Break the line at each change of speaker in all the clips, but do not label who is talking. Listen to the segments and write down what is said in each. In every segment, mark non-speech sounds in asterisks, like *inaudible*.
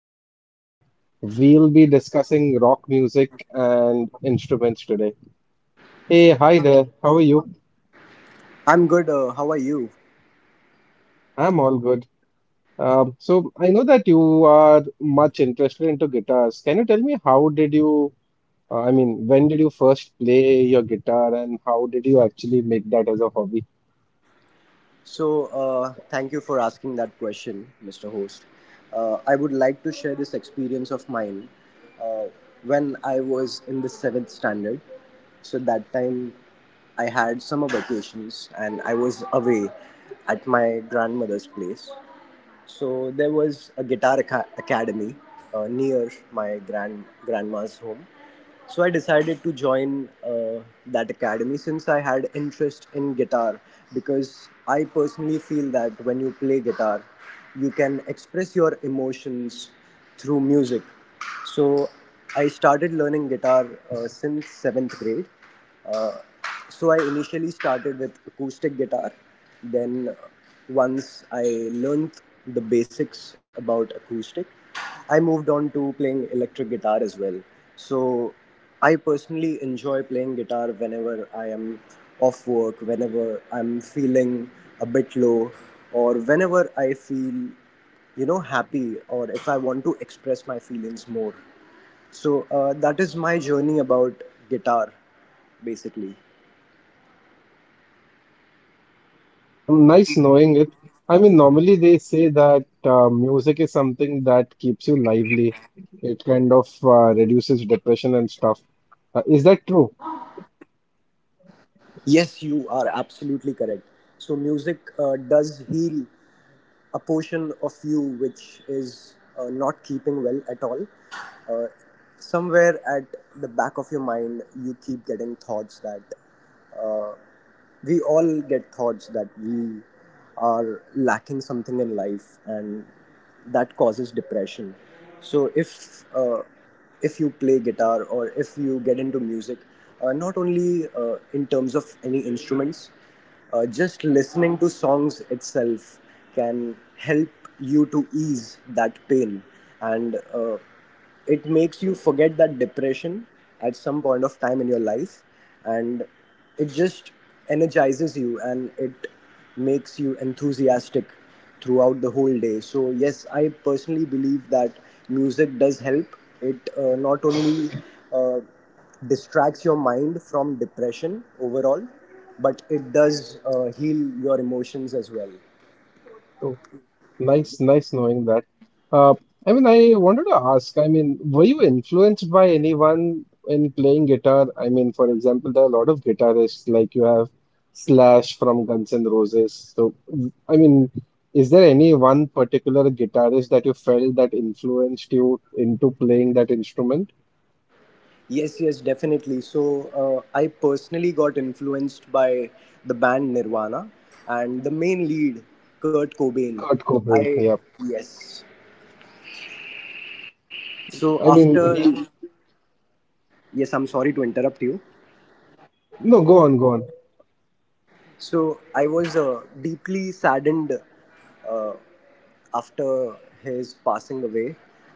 101. We'll be discussing rock music and instruments today. Hey, hi there, how are you?
I'm good. How are you?
I'm all good. So I know that you are much interested into guitars. Can you tell me how did you, I mean, when did you first play your guitar and how did you actually make that as a hobby?
Thank you for asking that question, Mr. Host. I would like to share this experience of mine uh, when I was in the seventh standard. So, that time I had summer vacations and I was away at my grandmother's place. So there was a guitar academy near my grandma's home. So I decided to join that academy since I had interest in guitar because I personally feel that when you play guitar, you can express your emotions through music. So I started learning guitar since seventh grade. Uh, so I initially started with acoustic guitar. Then once I learned the basics about acoustic, I moved on to playing electric guitar as well. So I personally enjoy playing guitar whenever I am off work, whenever I'm feeling a bit low, or whenever I feel happy, or if I want to express my feelings more. That is my journey about guitar basically.
Nice knowing it. I mean, normally they say that music is something that keeps you lively. It kind of reduces depression and stuff. Is that true?
Yes, you are absolutely correct. So music does heal a portion of you which is not keeping well at all. Uh, Somewhere at the back of your mind, you keep getting thoughts that uh, we all get thoughts that we are lacking something in life, and that causes depression. So if you play guitar or if you get into music, not only in terms of any instruments, just listening to songs itself can help you to ease that pain, and it makes you forget that depression at some point of time in your life, and it just energizes you and it makes you enthusiastic throughout the whole day. So yes, I personally believe that music does help. It not only uh, distracts your mind from depression overall, but it does heal your emotions as well.
Nice, nice knowing that. Uh, I mean, I wanted to ask, I mean, were you influenced by anyone in playing guitar? I mean, for example, there are a lot of guitarists, like you have Slash from Guns N' Roses. So, I mean, is there any one particular guitarist that you felt that influenced you into playing that instrument?
Yes, yes, definitely. I personally got influenced by the band Nirvana and the main lead, Kurt Cobain.
Kurt Cobain,
I,
yeah.
yes. So,
I
after,
mean, he,
yes, I'm sorry to interrupt you.
no, go on, go on.
So I was deeply saddened uh, after his passing away,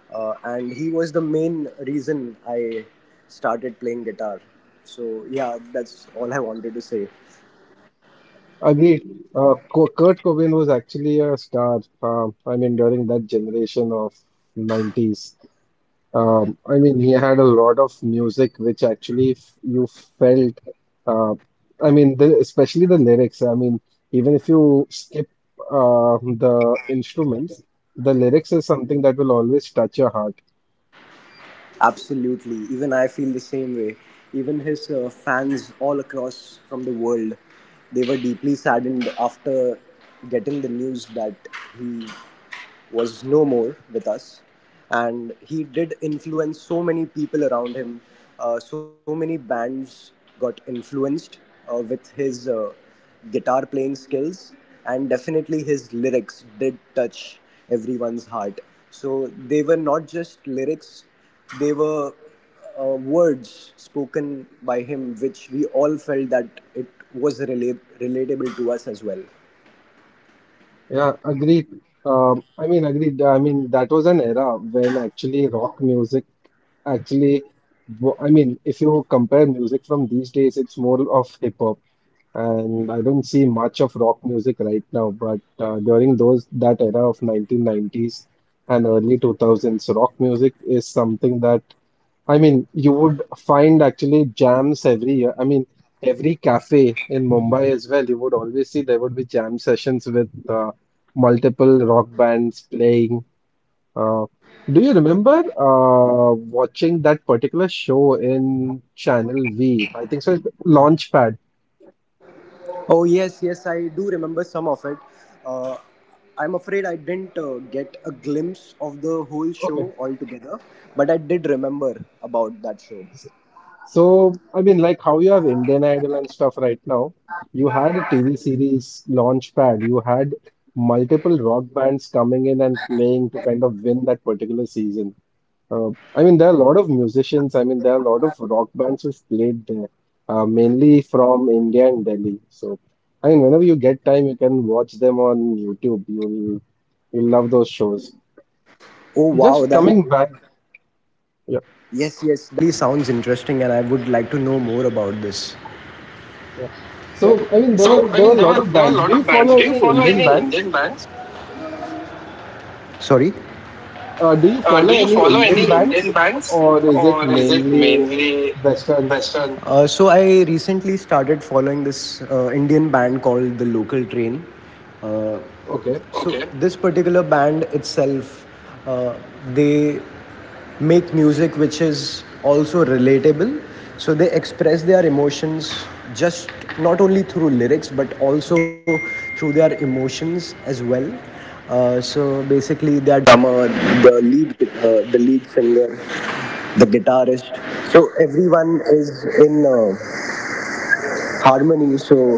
and he was the main reason I started playing guitar. So yeah, that's all I wanted to say.
Agreed. Kurt Cobain was actually a star. I mean, during that generation of 90s, I mean, he had a lot of music which actually f you felt. Uh, I mean, especially the lyrics. I mean, even if you skip uh, the instruments, the lyrics is something that will always touch your heart.
Absolutely, even I feel the same way. Even his fans all across from the world, they were deeply saddened after getting the news that he was no more with us. And he did influence so many people around him. So many bands got influenced with his guitar playing skills, and definitely his lyrics did touch everyone's heart. So they were not just lyrics, they were words spoken by him, which we all felt that it was relatable to us as well.
Yeah, agreed. I mean, agreed. I mean, that was an era when actually rock music actually, I mean, if you compare music from these days, it's more of hip hop, and I don't see much of rock music right now. But during those that era of 1990s and early 2000s, rock music is something that I mean, you would find actually jams every year. I mean, every cafe in Mumbai as well, you would always see there would be jam sessions with multiple rock bands playing. Uh, do you remember watching that particular show in Channel V? I think so, Launchpad.
Oh yes, yes, I do remember some of it. Uh, I'm afraid I didn't get a glimpse of the whole
Okay.
show altogether, but I did remember about that show.
So, I mean, like how you have Indian Idol and stuff right now, you had a TV series Launchpad. You had multiple rock bands coming in and playing to kind of win that particular season. Uh, I mean, there are a lot of musicians. I mean, there are a lot of rock bands who've played there, mainly from India and Delhi. So, I mean, whenever you get time, you can watch them on YouTube. You'll love those shows.
Oh wow,
Just
that
coming back,
yes, yes, that really sounds interesting, and I would like to know more about this.
yeah. So, I mean, there were
So I
there were a
mean, there
lot
were
of
there were a
bands. Do
lot
you
of bands.
follow
Do you
any
follow
Indian
any
bands?
Indian bands? Sorry.
Do you
Uh,
follow
do you
any
follow
Indian
any Indian
bands,
banks
or is it
or is it
mainly
mainly
Western?
Western? So I recently started following this Indian band called the Local Train. Uh,
Okay.
Okay. So okay, this particular band itself, uh, they make music which is also relatable. So they express their emotions just not only through lyrics but also through their emotions as well. So basically, their drummer, the lead, the lead singer, the guitarist. So everyone is in harmony. So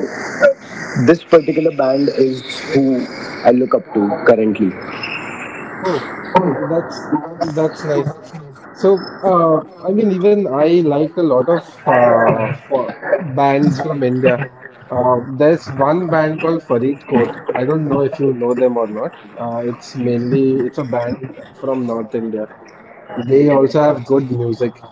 this particular band is who I look up to currently.
Oh, that's that's nice. So, I mean, even I liked a lot of bands from India. There's one band called Farid Court. I don't know if you know them or not. It's mainly it's a band from North India. They also have good music.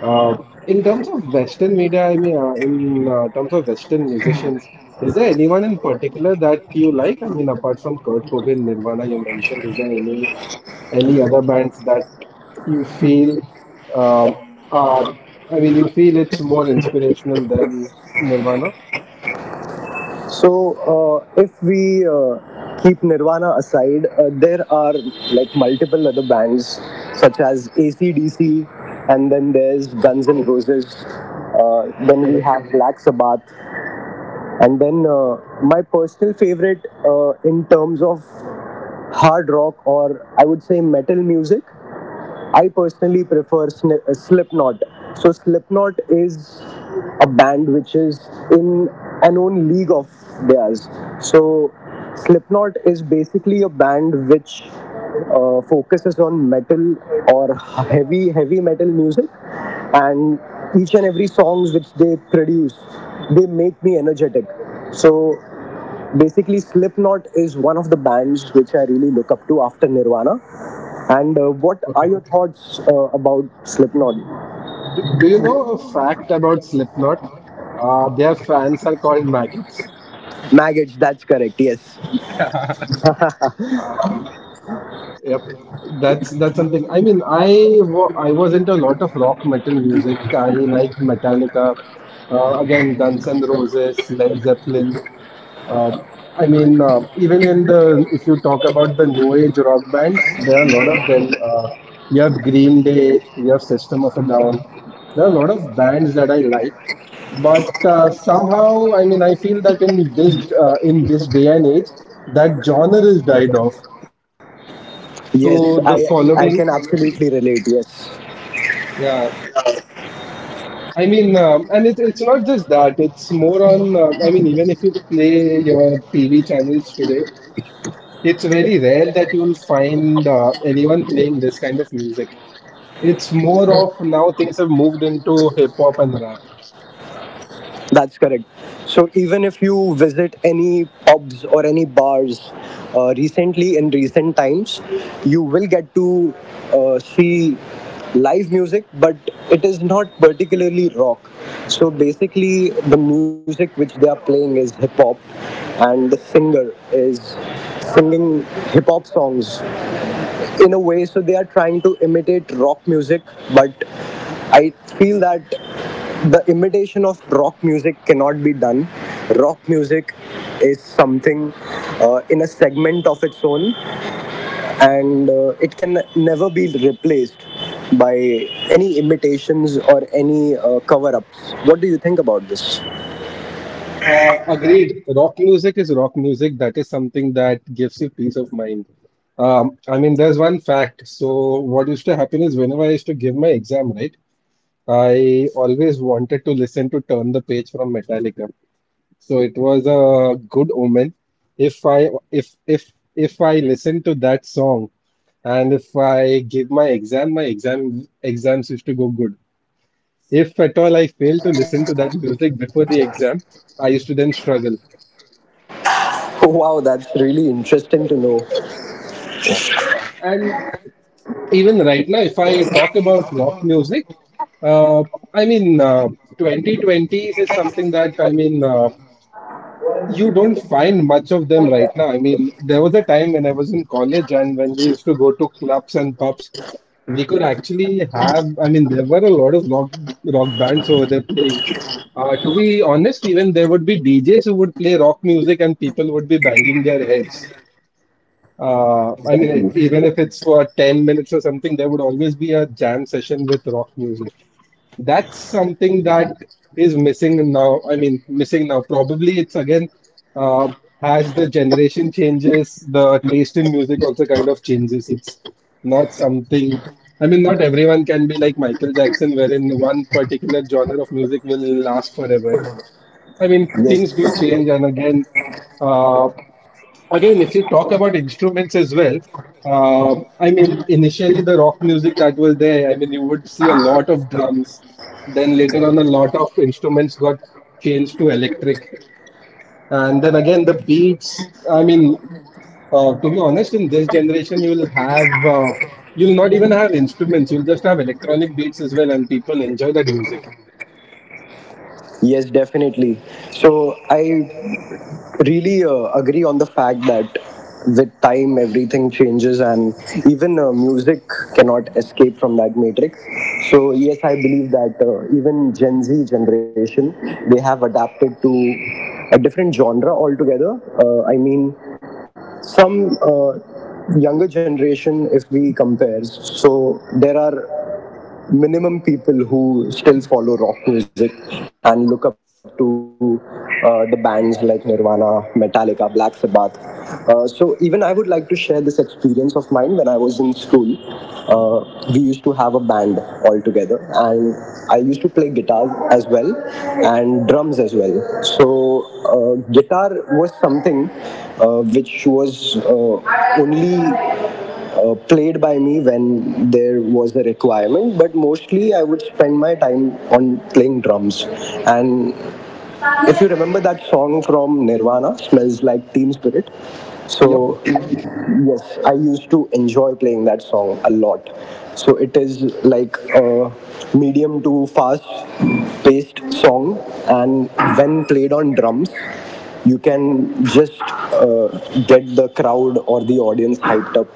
Uh, in terms of Western media, I mean, in terms of Western musicians, is there anyone in particular that you like? I mean, apart from Kurt Cobain, Nirvana, you mentioned, is there any other bands that you feel um, are, I mean, you feel it's more inspirational than Nirvana?
So if we keep Nirvana aside, there are like multiple other bands such as ACDC, and then there's Guns N' Roses. Then we
Correct.
have Black Sabbath, and then my personal favorite in terms of hard rock, or I would say metal music, I personally prefer Slipknot. So Slipknot is a band which is in an own league of theirs. So Slipknot is basically a band which focuses on metal or heavy metal music, and each and every songs which they produce, they make me energetic. So basically, Slipknot is one of the bands which I really look up to after Nirvana. And what are
Okay.
your thoughts about Slipknot?
Do you know a fact about Slipknot? Their fans are called maggots.
Maggots, that's correct. Yes,
*laughs* Yep, that's something. I mean, I was into a lot of rock metal music. I like Metallica, again Guns N' Roses, Led Zeppelin. Uh, Even in the if you talk about the new age rock bands, there are a lot of them. You have Green Day, you have System of a Down. There are a lot of bands that I like, but somehow, I mean, I feel that in this day and age, that genre is died off.
yes, I
So the
can
following,
absolutely relate. Yes.
yeah, I mean, and it's not just that, it's more on, I mean, even if you play your TV channels today, it's very rare that you'll find anyone playing this kind of music. It's more of now things have moved into hip hop and rap.
That's correct. So even if you visit any pubs or any bars recently in recent times, you will get to see live music, but it is not particularly rock. So basically, the music which they are playing is hip hop, and the singer is singing hip hop songs in a way. So they are trying to imitate rock music, but I feel that the imitation of rock music cannot be done. Rock music is something in a segment of its own, and it can never be replaced by any imitations or any cover ups. What do you think about this? *laughs*
Agreed, rock music is rock music. That is something that gives you peace of mind. I mean, there's one fact. So, what used to happen is whenever I used to give my exam, right? I always wanted to listen to Turn the Page from Metallica. So it was a good omen. If I listen to that song and if I give my exam, my exams used to go good. If at all I fail to listen to that music before the exam, I used to then struggle.
Wow, that's really interesting to know.
Yeah. And even right now, if I talk about rock music, uh, I mean, uh, 2020s is something that I mean. You don't find much of them right now. I mean, there was a time when I was in college and when we used to go to clubs and pubs, we could actually have, I mean, there were a lot of rock bands over there playing. To be honest, even there would be DJs who would play rock music and people would be banging their heads. I mean,
Exactly.
even if it's for 10 minutes or something, there would always be a jam session with rock music. That's something that is missing now. I mean, missing now. Probably it's again, uh, as the generation changes, the taste in music also kind of changes. It's not something, I mean, not everyone can be like Michael Jackson, wherein one particular genre of music will last forever. I mean, things do
Yes,
change, and again, uh, again, if you talk about instruments as well, I mean, initially the rock music that was there, I mean, you would see a lot of drums. Then later on, a lot of instruments got changed to electric, and then again, the beats. I mean, to be honest, in this generation, you'll have you'll not even have instruments. You'll just have electronic beats as well, and people enjoy that music.
yes, definitely. So I really agree on the fact that with time everything changes, and even music cannot escape from that matrix. So yes, I believe that even Gen Z generation, they have adapted to a different genre altogether. I mean some younger generation, if we compare, so there are minimum people who still follow rock music and look up to the bands like Nirvana, Metallica, Black Sabbath. So even I would like to share this experience of mine when I was in school. We used to have a band all together, and I used to play guitar as well and drums as well. So guitar was something which was uh, only played by me when there was a requirement, but mostly I would spend my time on playing drums. And if you remember that song from Nirvana, Smells Like Teen Spirit.
Yep.
So, yes, I used to enjoy playing that song a lot. So, it is like a medium to fast paced song, and when played on drums, you can just get the crowd or the audience hyped up.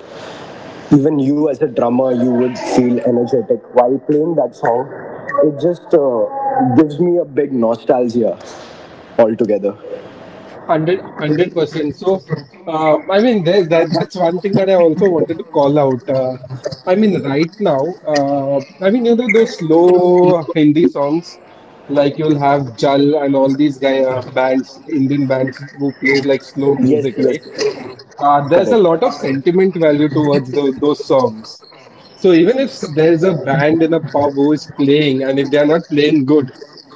Even you as a drummer, you would feel energetic while playing that song. It just gives me a big nostalgia altogether.
Hundred, 100%. So, I mean, there's that. That's one thing that I also wanted to call out. I mean, right now, those slow Hindi songs, like you'll have Jal and all these guy bands, Indian bands who plays like slow
Yes,
music,
yes.
right? Uh, there's a
Correct.
lot of sentiment value towards those songs. So even if there's a band in a pub who is playing, and if they are not playing good,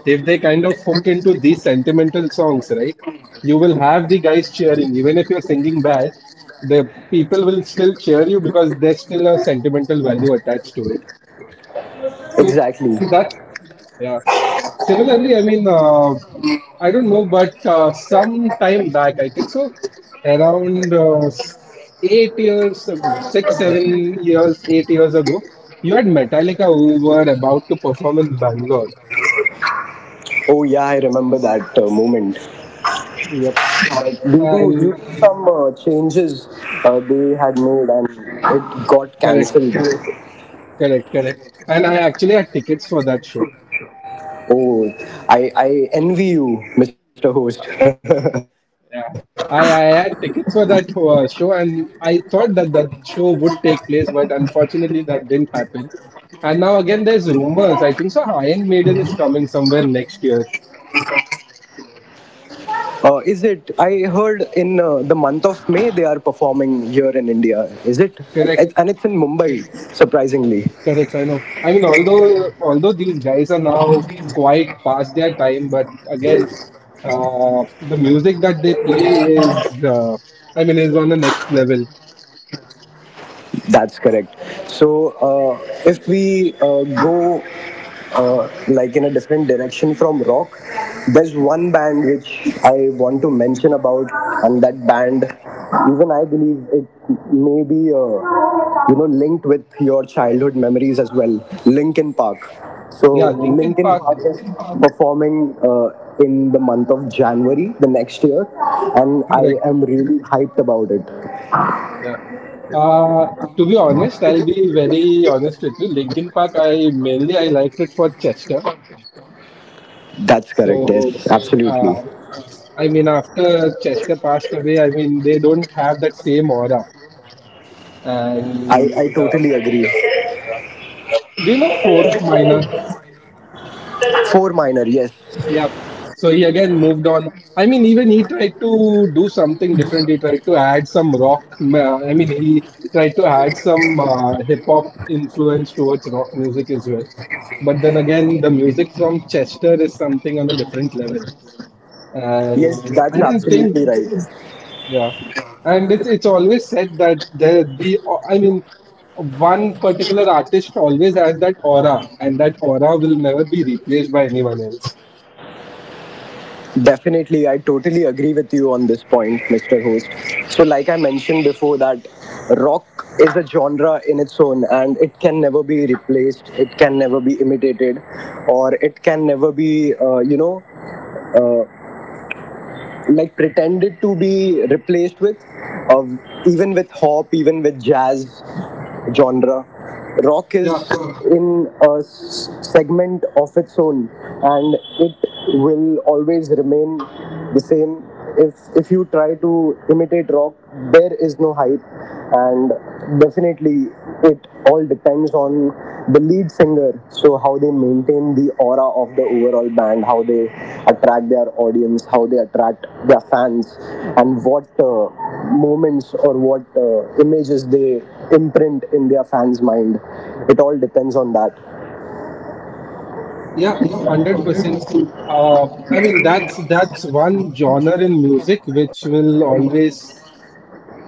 if they kind of hook into these sentimental songs, right? You will have the guys cheering, even if you're singing bad. The people will still cheer you because there's still a sentimental value attached to it. So
Exactly.
that, yeah. Similarly, I mean, I don't know, but some time back, I think so, around 8 years ago, six, 7 years, 8 years ago, you had Metallica who were about to perform in Bangalore.
Oh yeah, I remember that moment,
Yep.
but due to due
And
to some changes they had made, and it got
correct,
cancelled.
correct, correct. And I actually had tickets for that show.
Oh, I i envy you, Mr. Host. *laughs*
Yeah. I had tickets for that show, and I thought that that show would take place, but unfortunately, that didn't happen. And now again, there's rumors. I think so. Iron Maiden is coming somewhere next year.
Is it? I heard in the month of May they are performing here in India. Is it? It's,
Correct,
and it's in Mumbai, surprisingly.
correct. I know. I mean, although these guys are now quite past their time, but again, the music that they play is, I mean, is on the next level.
That's correct. So, if we go like in a different direction from rock, there's one band which I want to mention about, and that band, even I believe it may be, you know, linked with childhood memories as well. Linkin Park.
Yeah,
So,
Linkin
Linkin
Park.
Park is performing. In the month of January the next year, and I
Correct.
am really hyped about it.
Yeah. Uh, to be honest, I'll be very honest with you. Linkin Park, I liked it for Chester.
That's correct,
So,
yes, absolutely.
uh, I mean, after Chester passed away, I mean, they don't have that same aura.
I
And
totally agree.
uh, do you know Fort Minor?
Four minor, yes.
Yeah. So he again moved on. I mean, even he tried to do something different. He tried to add some rock. Uh, I mean, he tried to add some hip hop influence towards rock music as well. But then again, the music from Chester is something on a different level. And
That's
I don't
absolutely
think,
right.
yeah. And it's always said that I mean, one particular artist always has that aura, and that aura will never be replaced by anyone else.
Definitely, I totally agree with you on this point, Mr. Host. So, like I mentioned before, that rock is a genre in its own and it can never be replaced, it can never be imitated, or it can never be, you know, like pretended to be replaced with, of even with hop, even with jazz genre. Rock
Yeah,
is in a segment of its own, and it will always remain the same. If you try to imitate rock, there is no hype, and definitely it all depends on the lead singer. So how they maintain the aura of the overall band, how they attract their audience, how they attract their fans, and what moments or what images they imprint in their fans mind, it all depends on that.
Yeah, 100%. I mean, that's one genre in music which will always,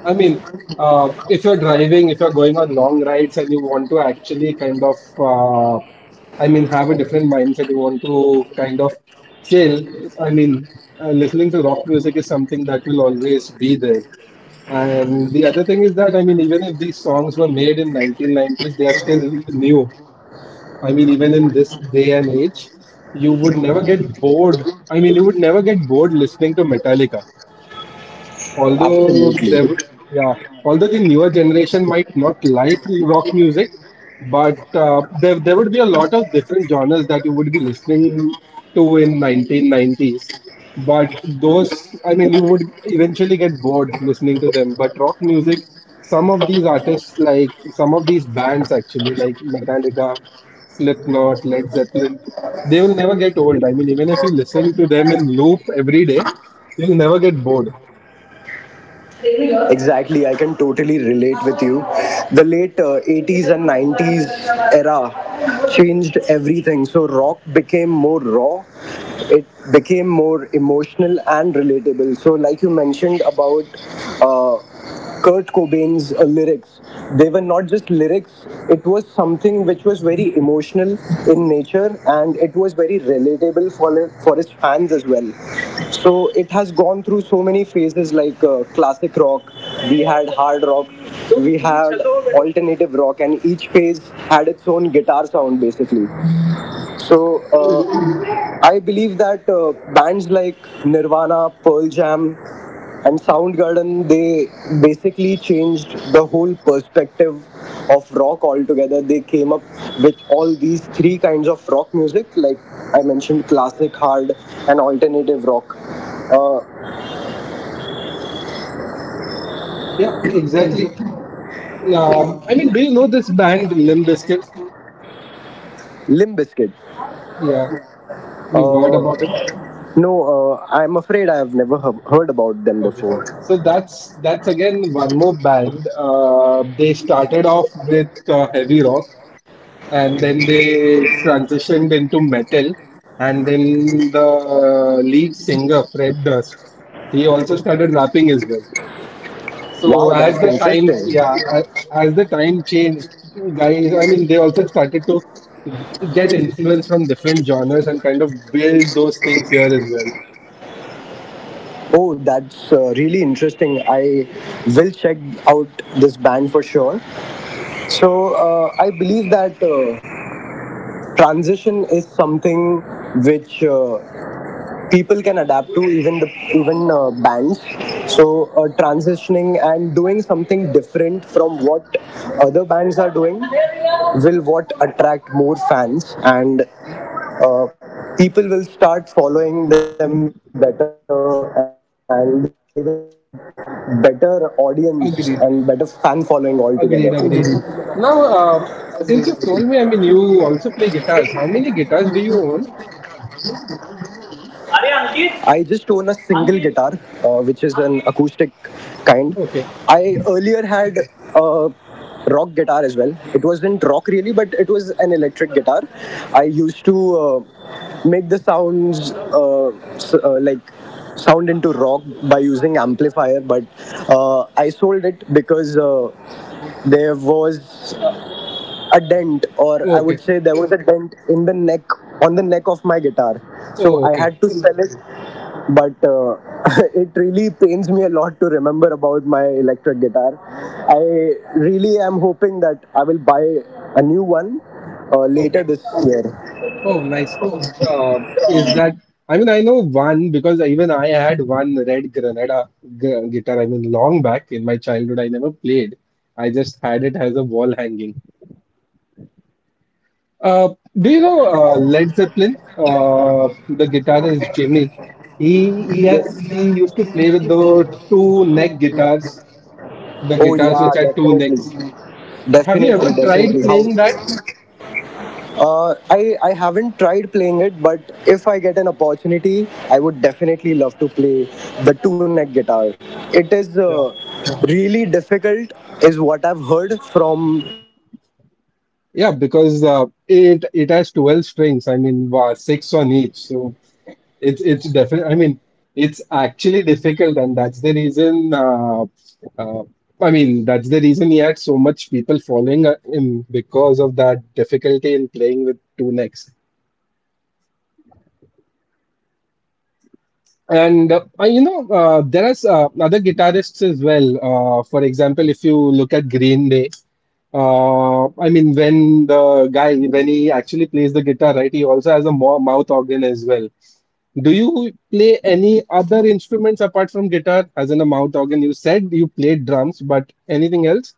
I mean, if you're driving, if you're going on long rides and you want to actually kind of, I mean, have a different mindset, you want to kind of chill. I mean, listening to rock music is something that will always be there. And the other thing is that, I mean, even if these songs were made in 1990s, they are still new. I mean, even in this day and age, you would never get bored. I mean, you would never get bored listening to Metallica although
Absolutely.
there w- yeah, although the newer generation might not like rock music, but there would be a lot of different genres that you would be listening to in 1990s, but those, I mean you would eventually get bored listening to them. But rock music, some of these artists, like some of these bands actually, like Metallica, Slipknot, Led Zeppelin, they will never get old. I mean, even if you listen to them in loop every day, you'll never get bored.
Exactly, I can totally relate with you. The late 80s and 90s era changed everything. So, rock became more raw, it became more emotional and relatable. So, like you mentioned about uh, Kurt Cobain's lyrics. They were not just lyrics, it was something which was very emotional in nature and it was very relatable for his fans as well. So it has gone through so many phases like classic rock, we had hard rock, we had alternative rock, and each phase had its own guitar sound basically. So I believe that bands like Nirvana, Pearl Jam, and Soundgarden, they basically changed the whole perspective of rock altogether. They came up with all these three kinds of rock music, like I mentioned, classic, hard, and alternative rock. Uh,
Yeah, exactly. I mean, do you know this band Limp Bizkit?
Limp Bizkit.
Yeah, you've heard
Uh,
about him.
no, I'm afraid I have never heard about them
Okay,
before.
so that's again one more band. They started off with heavy rock, and then they transitioned into metal, and then the lead singer Fred Durst, he also started rapping as well. So
Wow, that's
as the time,
interesting.
yeah, as the time changed, guys, I mean, they also started to get influence from different genres and kind of build those things here as well.
Oh, that's really interesting. I will check out this band for sure. So I believe that transition is something which people can adapt to, even the even bands. So, transitioning and doing something different from what other bands are doing will what attract more fans, and uh, people will start following them better and they will get a better audience and better fan following altogether.
Agreed, agreed, agreed. Now, since you've told me, I mean, you also play guitars. How many guitars do you own?
I just own a single guitar, which is an acoustic kind. I
Okay,
earlier had a rock guitar as well. It wasn't rock really, but it was an electric guitar. I used to make the sounds like sound into rock by using amplifier, but I sold it because. There was a dent or I
okay,
would say there was a dent in the neck on the neck of my guitar, so
oh,
I
okay,
had to sell it, but *laughs* it really pains me a lot to remember about my electric guitar. I really am hoping that I will buy a new one
okay.
later this year.
Oh, nice. Uh, is that? I mean, I know one because even I had one red Granada guitar. I mean, long back in my childhood, I never played. I just had it as a wall hanging. Uh, do you know Led Zeppelin? The guitarist Jimmy. He used to play with the two neck guitars, the
Oh
guitars
yeah,
which had two
definitely,
necks. Have you
definitely
ever
definitely
tried
how.
playing that?
I haven't tried playing it, but if I get an opportunity, I would definitely love to play the two neck guitar. It is really difficult, is what I've heard from.
Yeah, because it has 12 strings. I mean, six on each. So it's definitely. I mean, it's actually difficult, and that's the reason. Uh, I mean, that's the reason he had so much people following him because of that difficulty in playing with two necks. And you know, there are other guitarists as well. For example, if you look at Green Day, I mean, when the guy when he actually plays the guitar, right? He also has a mo mouth organ as well. Do you play any other instruments apart from guitar, as in a mouth organ? You said you played drums, but anything else?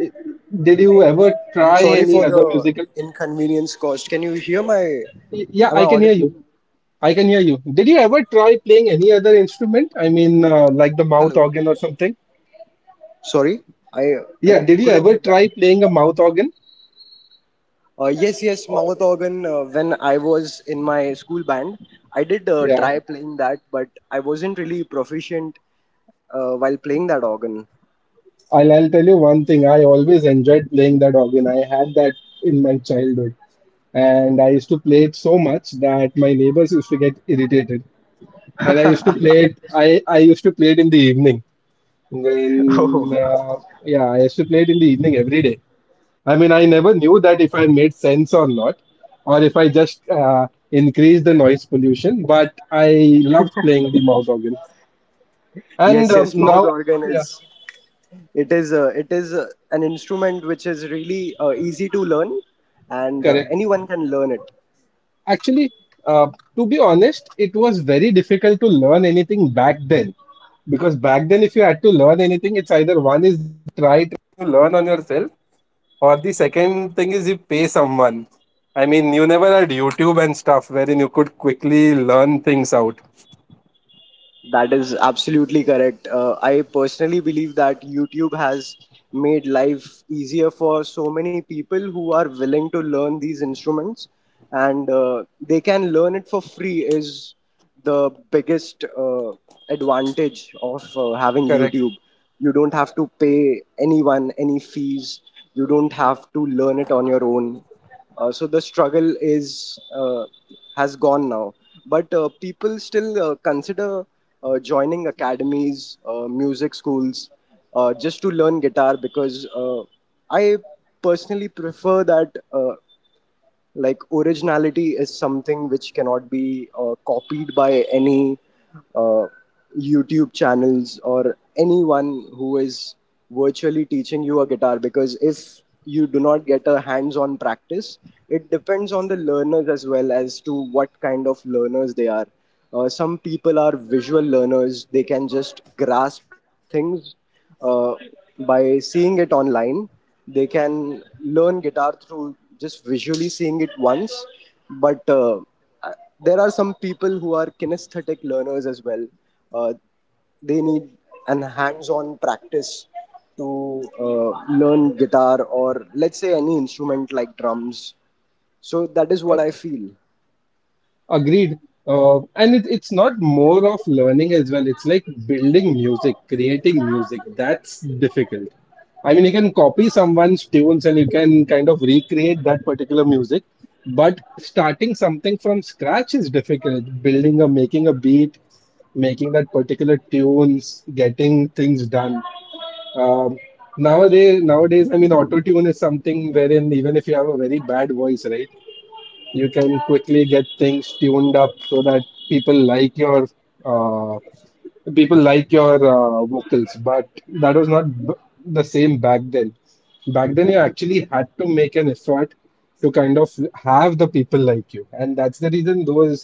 I- Did you ever
I'm
try
sorry
any
for
other
the
musical?
inconvenience caused. Can you hear my?
Yeah,
Am I
I can hear
audible?
you. I can hear you. Did you ever try playing any other instrument? I mean, like the mouth
Hello.
organ or something?
Sorry, I I
Yeah, did you
couldn't
ever
get that.
try playing a mouth organ?
Yes, yes,
Or-
mouth organ. When I was in my school band, I did
Yeah,
try playing that, but I wasn't really proficient while playing that organ. *laughs*
I'll tell you one thing. I always enjoyed playing that organ. I had that in my childhood. And I used to play it so much that my neighbors used to get irritated. And I used to play it, I used to play it in the evening. When,
Oh,
uh, yeah, I used to play it in the evening every day. I mean, I never knew that if I made sense or not, or if I just increased the noise pollution, but I loved playing the mouth organ. And
yes, yes,
now,
mouth organ
yeah,
is, it is an instrument which is really easy to learn, and
correct.
anyone can learn it.
Actually, uh, to be honest, it was very difficult to learn anything back then. Because back then, if you had to learn anything, it's either one.
That is absolutely correct. I personally believe that YouTube has made life easier for so many people who are willing to learn these instruments, and they can learn it for free. Is the biggest advantage of having YouTube. You don't have to pay anyone any fees. You don't have to learn it on your own, so the struggle is has gone now, but people still consider joining academies, music schools, just to learn guitar, because I personally prefer that, like originality is something which cannot be copied by any uh, YouTube channels or anyone who is virtually teaching you a guitar, because if you do not get a hands on practice, it depends on the learners as well as to what kind of learners they are. Some people are visual learners, they can just grasp things uh, by seeing it online. They can learn guitar through just visually seeing it once, but there are some people who are kinesthetic learners as well. uh, they need an hands-on practice to uh, learn guitar, or let's say any instrument like drums. So that is what I feel.
Agreed. And it's not more of learning as well. It's like building music, creating music. That's difficult. I mean, you can copy someone's tunes and you can kind of recreate that particular music, but starting something from scratch is difficult. Building a, making a beat, making that particular tunes, getting things done. Um, nowadays, I mean, auto tune is something wherein even if you have a very bad voice, right? You can quickly get things tuned up so that people like your uh, vocals. But that was not b- The same back then, back then you actually had to make an effort to kind of have the people like you, and that's the reason those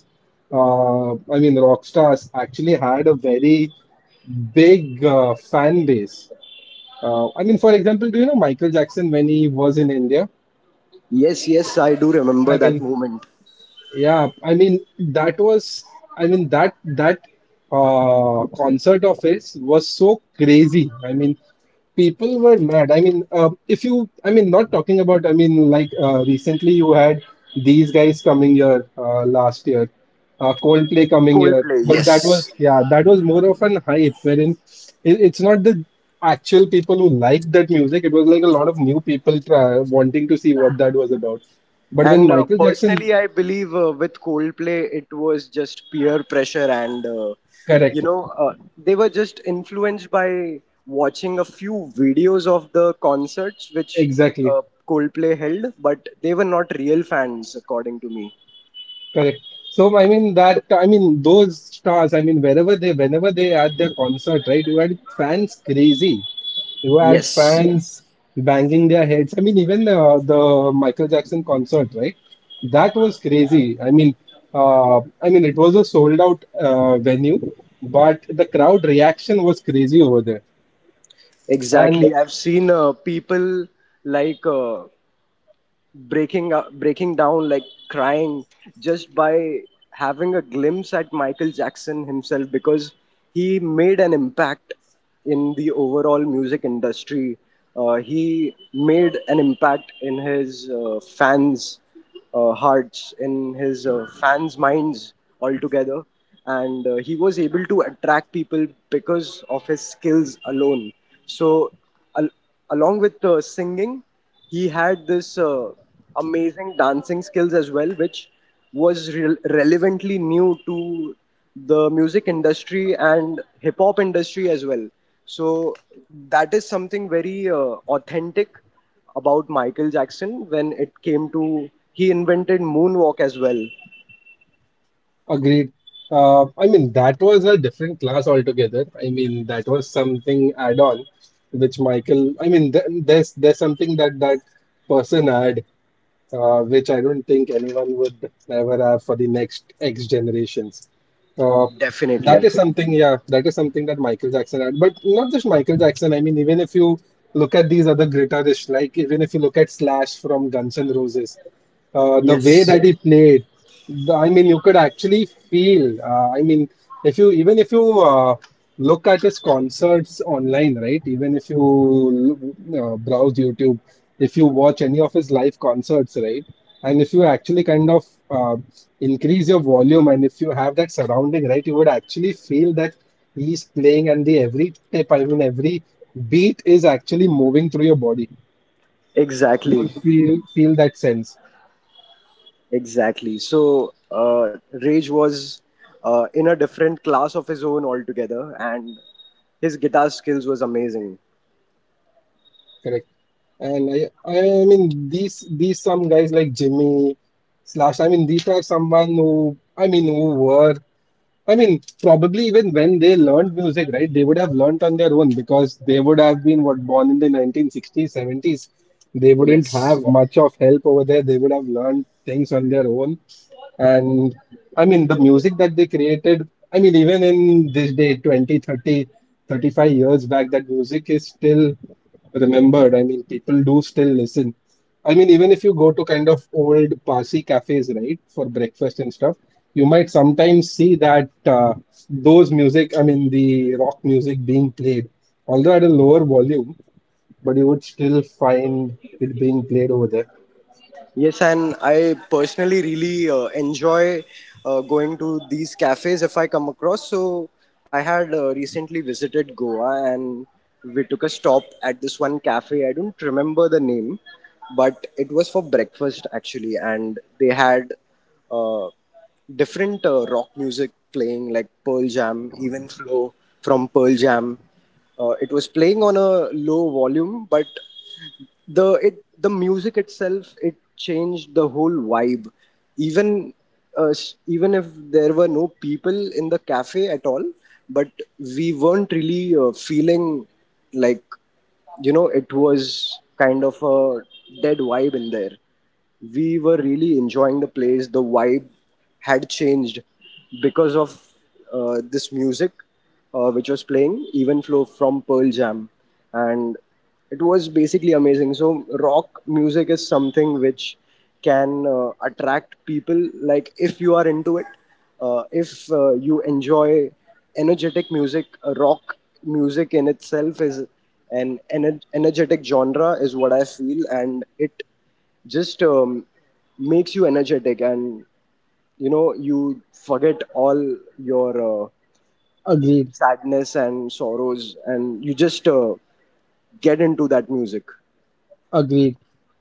I mean rock stars actually had a very big fan base. I mean, for example, do you know Michael Jackson when he was in India?
Yes, yes, I do remember
I
that
mean,
moment.
yeah, I mean that was, I mean that that concert of his was so crazy. I mean people were mad. I mean if you, I mean not talking about, I mean like recently you had these guys coming here last year. Coldplay coming here,
Coldplay,
but that was,
yes.
yeah, that was more of an hype wherein it's not the actual people who liked that music. It was like a lot of new people try, wanting to see what that was about. But when
And
Michael Jackson,
personally, I believe with Coldplay, it was just peer pressure, and you
correct,
know, they were just influenced by watching a few videos of the concerts which
exactly,
uh, Coldplay held, but they were not real fans, according to me.
correct. So I mean that, I mean those stars, I mean wherever they whenever they at their concert, right? You had fans crazy. You had
Yes.
fans banging their heads. I mean, even the Michael Jackson concert, right? That was crazy. I mean, it was a sold out venue, but the crowd reaction was crazy over there. And
Exactly. I've seen people like breaking up, breaking down, like crying, just by having a glimpse at Michael Jackson himself, because he made an impact in the overall music industry. He made an impact in his fans' hearts, in his fans' minds altogether. And he was able to attract people because of his skills alone. So al- along with singing, he had this amazing dancing skills as well, which was relevantly new to the music industry and hip hop industry as well. So that is something very authentic about Michael Jackson when it came to he invented moonwalk as well.
agreed. I mean, that was a different class altogether. I mean, that was something add-on, which Michael. I mean, th there's something that that person had, which I don't think anyone would ever have for the next X generations. Uh, that
Definitely.
is something, yeah, that is something that Michael Jackson had. But not just Michael Jackson. I mean, even if you look at these other guitarists, like even if you look at Slash from Guns N' Roses, the way
Yes,
that he played, the, I mean, you could actually feel. I mean, if you even if you look at his concerts online, right? Even if you browse YouTube, if you watch any of his live concerts, right? And if you actually kind of uh, increase your volume, and if you have that surrounding, right, you would actually feel that he's playing, and the every tip, I mean, every beat is actually moving through your body. You'll
exactly.
feel that sense.
Exactly. So Rage was in a different class of his own altogether, and his guitar skills was amazing.
Correct. And I mean, these some guys like Jimmy Slash. I mean, these are someone who, I mean who were, I mean, probably even when they learned music, right, they would have learnt on their own because they would have been what born in the 1960s, 70s. They wouldn't have
Yes.
much of help over there. They would have learned things on their own. And I mean, the music that they created, I mean, even in this day, 20, 30, 35 years back, that music is still remembered. I mean, people do still listen. I mean, even if you go to kind of old Parsi cafes, right, for breakfast and stuff, you might sometimes see that those music, I mean, the rock music being played, although at a lower volume, but you would still find it being played over there.
Yes, and I personally really enjoy going to these cafes if I come across. So I had recently visited Goa, and we took a stop at this one cafe. I don't remember the name, but it was for breakfast actually, and they had uh, different rock music playing like Pearl Jam, even flow from Pearl Jam. It was playing on a low volume, but the it the music itself it changed the whole vibe, even even if there were no people in the cafe at all, but we weren't really feeling like, you know, it was kind of a dead vibe in there. We were really enjoying the place. The vibe had changed because of this music which was playing, even flow from Pearl Jam, and it was basically amazing. So rock music is something which can attract people. Like if you are into it, if you enjoy energetic music, rock music in itself is an energetic genre, is what I feel, and it just makes you energetic, and you know you forget all your
Agreed,
sadness and sorrows, and you just get into that music.
agreed.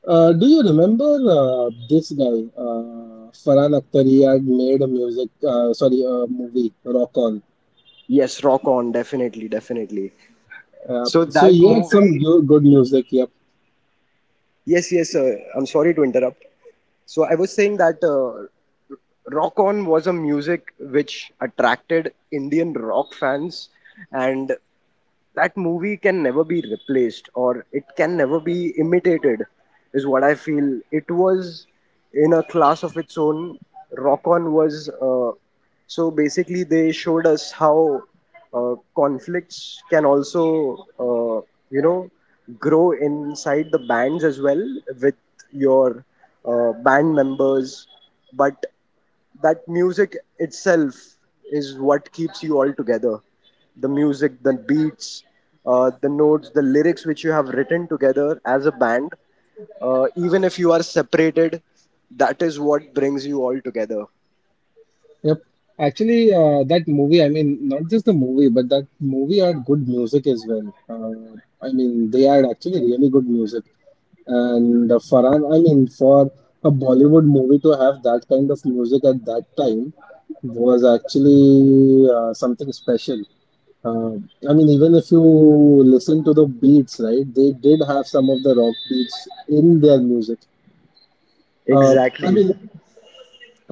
Do you remember this guy, Farhan Akhtar? He had made a music, sorry, a movie, Rock On.
Yes, rock on, definitely, definitely. So
So
that
he had some
movie,
good music. He
yes, yes, I'm sorry to interrupt. So I was saying that rock on was a music which attracted Indian rock fans, and that movie can never be replaced or it can never be imitated, is what I feel. It was in a class of its own. Rock on was so basically they showed us how conflicts can also uh, you know grow inside the bands as well with your band members, but that music itself is what keeps you all together. The music, the beats, the notes, the lyrics which you have written together as a band, even if you are separated, that is what brings you all together.
yep. Actually, that movie, I mean, not just the movie, but that movie had good music as well. I mean, they had actually really good music. And Farhan, I mean, for a Bollywood movie to have that kind of music at that time was actually something special. Uh, I mean, even if you listen to the beats, right, they did have some of the rock beats in their music. Uh, I
Exactly.
mean,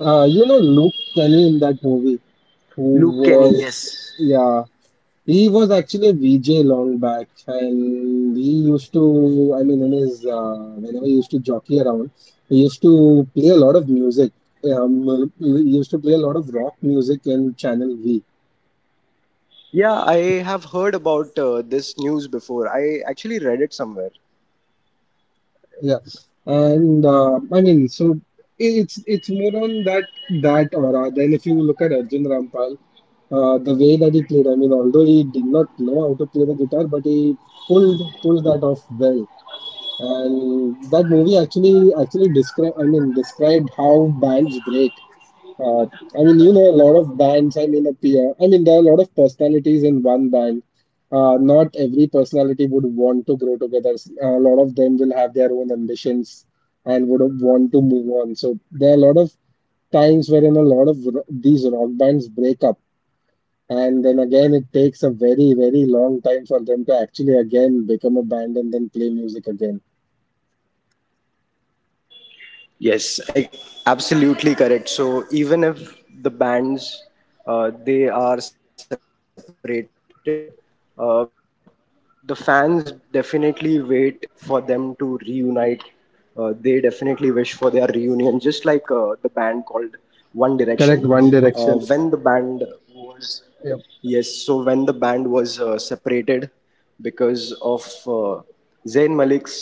you know Luke Kenny in that movie, who
Luke Kenny,
was,
yes.
yeah, he was actually a VJ long back, and he used to, I mean, in his whenever he used to jockey around, he used to play a lot of music. He used to play a lot of rock music in Channel V.
Yeah, I have heard about this news before. I actually read it somewhere.
Yeah, and I mean, so it's more on that that aura. Then if you look at Arjun Rampal, the way that he played, I mean, although he did not know how to play the guitar, but he pulled that off well. And that movie actually described how bands break. Uh, I mean, you know, a lot of bands, I mean, appear. I mean, there are a lot of personalities in one band. Not every personality would want to grow together. A lot of them will have their own ambitions and would want to move on. So there are a lot of times wherein a lot of these rock bands break up, and then again it takes a very, very long time for them to actually again become a band and then play music again.
Yes, I, absolutely correct. So even if the bands they are separated, uh, the fans definitely wait for them to reunite. They definitely wish for their reunion, just like the band called One Direction. When the
Correct,
band
one direction.
was. Yes, so when the
Yep,
band was separated because of uh, Zayn Malik's separation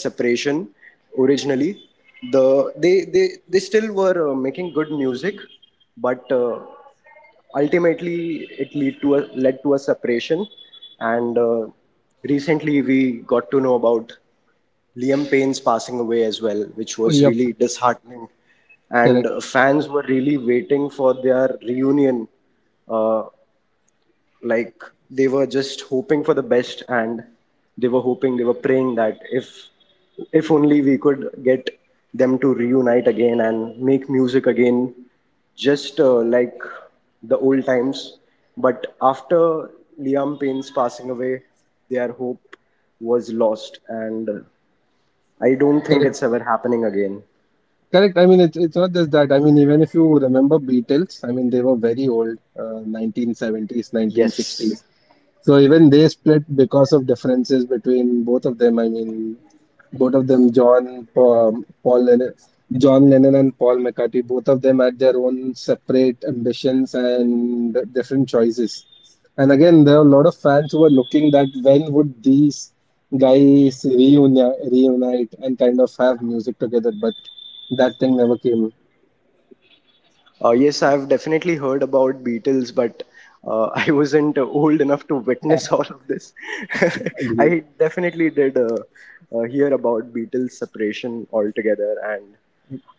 originally, the they still were making good music, but ultimately it lead to a led to a separation, and recently we got to know about Liam Payne's passing away as well, which was really
yep,
disheartening. And
correct,
fans were really waiting for their reunion. Uh, like they were just hoping for the best, and they were hoping, they were praying that if only we could get them to reunite again and make music again, just like the old times. But after Liam Payne's passing away, their hope was lost, and I don't think
correct,
it's ever happening again.
correct. I mean, it's not just that. I mean, even if you remember Beatles, I mean, they were very old, 1970s, 1960s.
Yes.
So even they split because of differences between both of them. I mean, both of them, John, Paul Lennon, John Lennon and Paul McCartney, both of them had their own separate ambitions and different choices. And again, there are a lot of fans who were looking that when would these guys reunite and kind of have music together, but that thing never came.
Yes, I've definitely heard about Beatles, but *laughs* I wasn't old enough to witness all of this. *laughs*
Agreed.
I definitely did hear about Beatles' separation altogether, and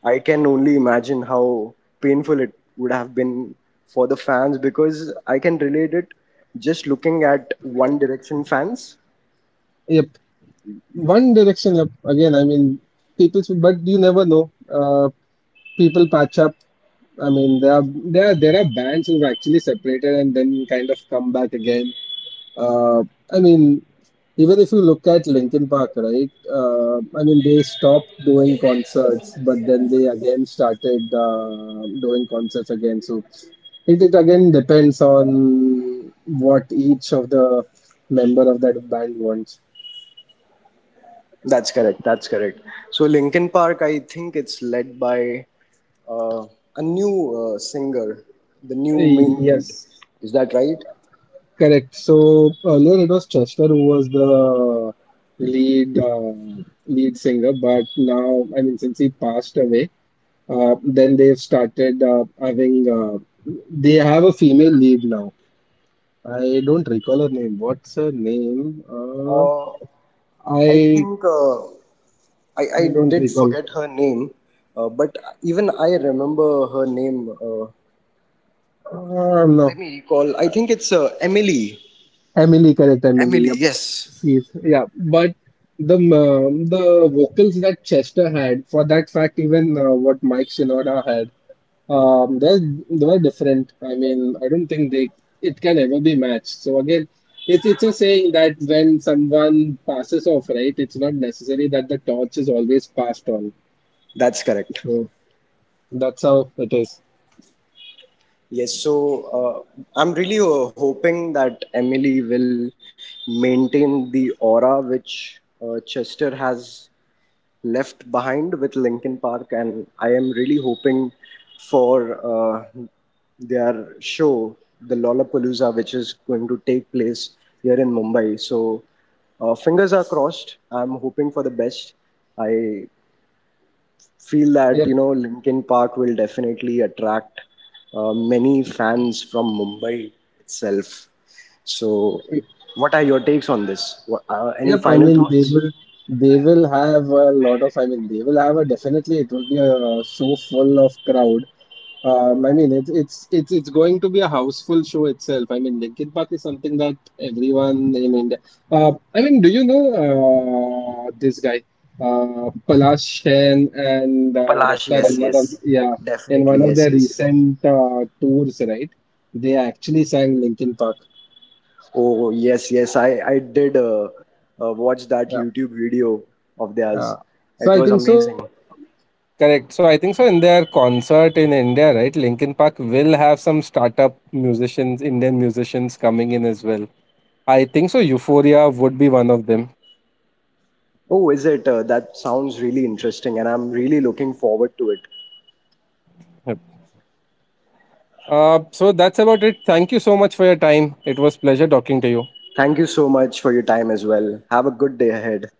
I can only imagine how painful it would have been for the fans, because I can relate it just looking at One Direction fans.
Yep. One Direction up again. I mean, people, but you never know. People patch up. I mean, there are bands who've actually separated and then kind of come back again. Uh, I mean, even if you look at Linkin Park, right? I mean, they stopped doing concerts, but then they again started doing concerts again. So it again depends on what each of the member of that band wants.
That's correct. That's correct. So Linkin Park, I think it's led by uh, a new singer, the new main lead.
Yes,
Is that right?
correct. So earlier it was Chester who was the lead lead singer, but now I mean since he passed away, then they've started having they have a female lead now. I don't recall her name. What's her name?
Uh, I
I
think I
I don't
did
recall.
forget her name, but even I remember her name.
No,
Let me recall. I think it's Emily.
Emily. Correct, Emily.
Emily,
Yep.
yes.
She's yeah, but the vocals that Chester had, for that fact, even what Mike Shinoda had. They're they were different. I mean, I don't think they it can ever be matched. So again, it's a saying that when someone passes off, right, it's not necessary that the torch is always passed on.
That's correct.
So that's how it is.
Yes, so I'm really hoping that Emily will maintain the aura which Chester has left behind with Linkin Park, and I am really hoping for their show, the Lollapalooza, which is going to take place here in Mumbai. So, fingers are crossed. I'm hoping for the best. I feel that
Yep.
you know Linkin Park will definitely attract many fans from Mumbai itself. So, what are your takes on this? What, any
Yep, I
final
mean
thoughts?
they will have a lot of, I mean they will have a definitely, it will be a show full of crowd. I mean it's going to be a houseful show itself. I mean Linkin Park is something that everyone in India. I mean, do you know this guy, Palash Sen and
Palash,
Raftar
yes,
in one of,
yes,
yeah, in
definitely,
one of
yes,
their
yes.
recent tours, right? They actually sang Linkin Park.
Oh, yes, yes. I did watch that
Yeah.
YouTube video of
Uh,
theirs.
so
It
I
was
think
amazing. Oh, is it? That sounds really interesting, and I'm really looking forward to it. Thank you so much for your time as well. Have a good day ahead.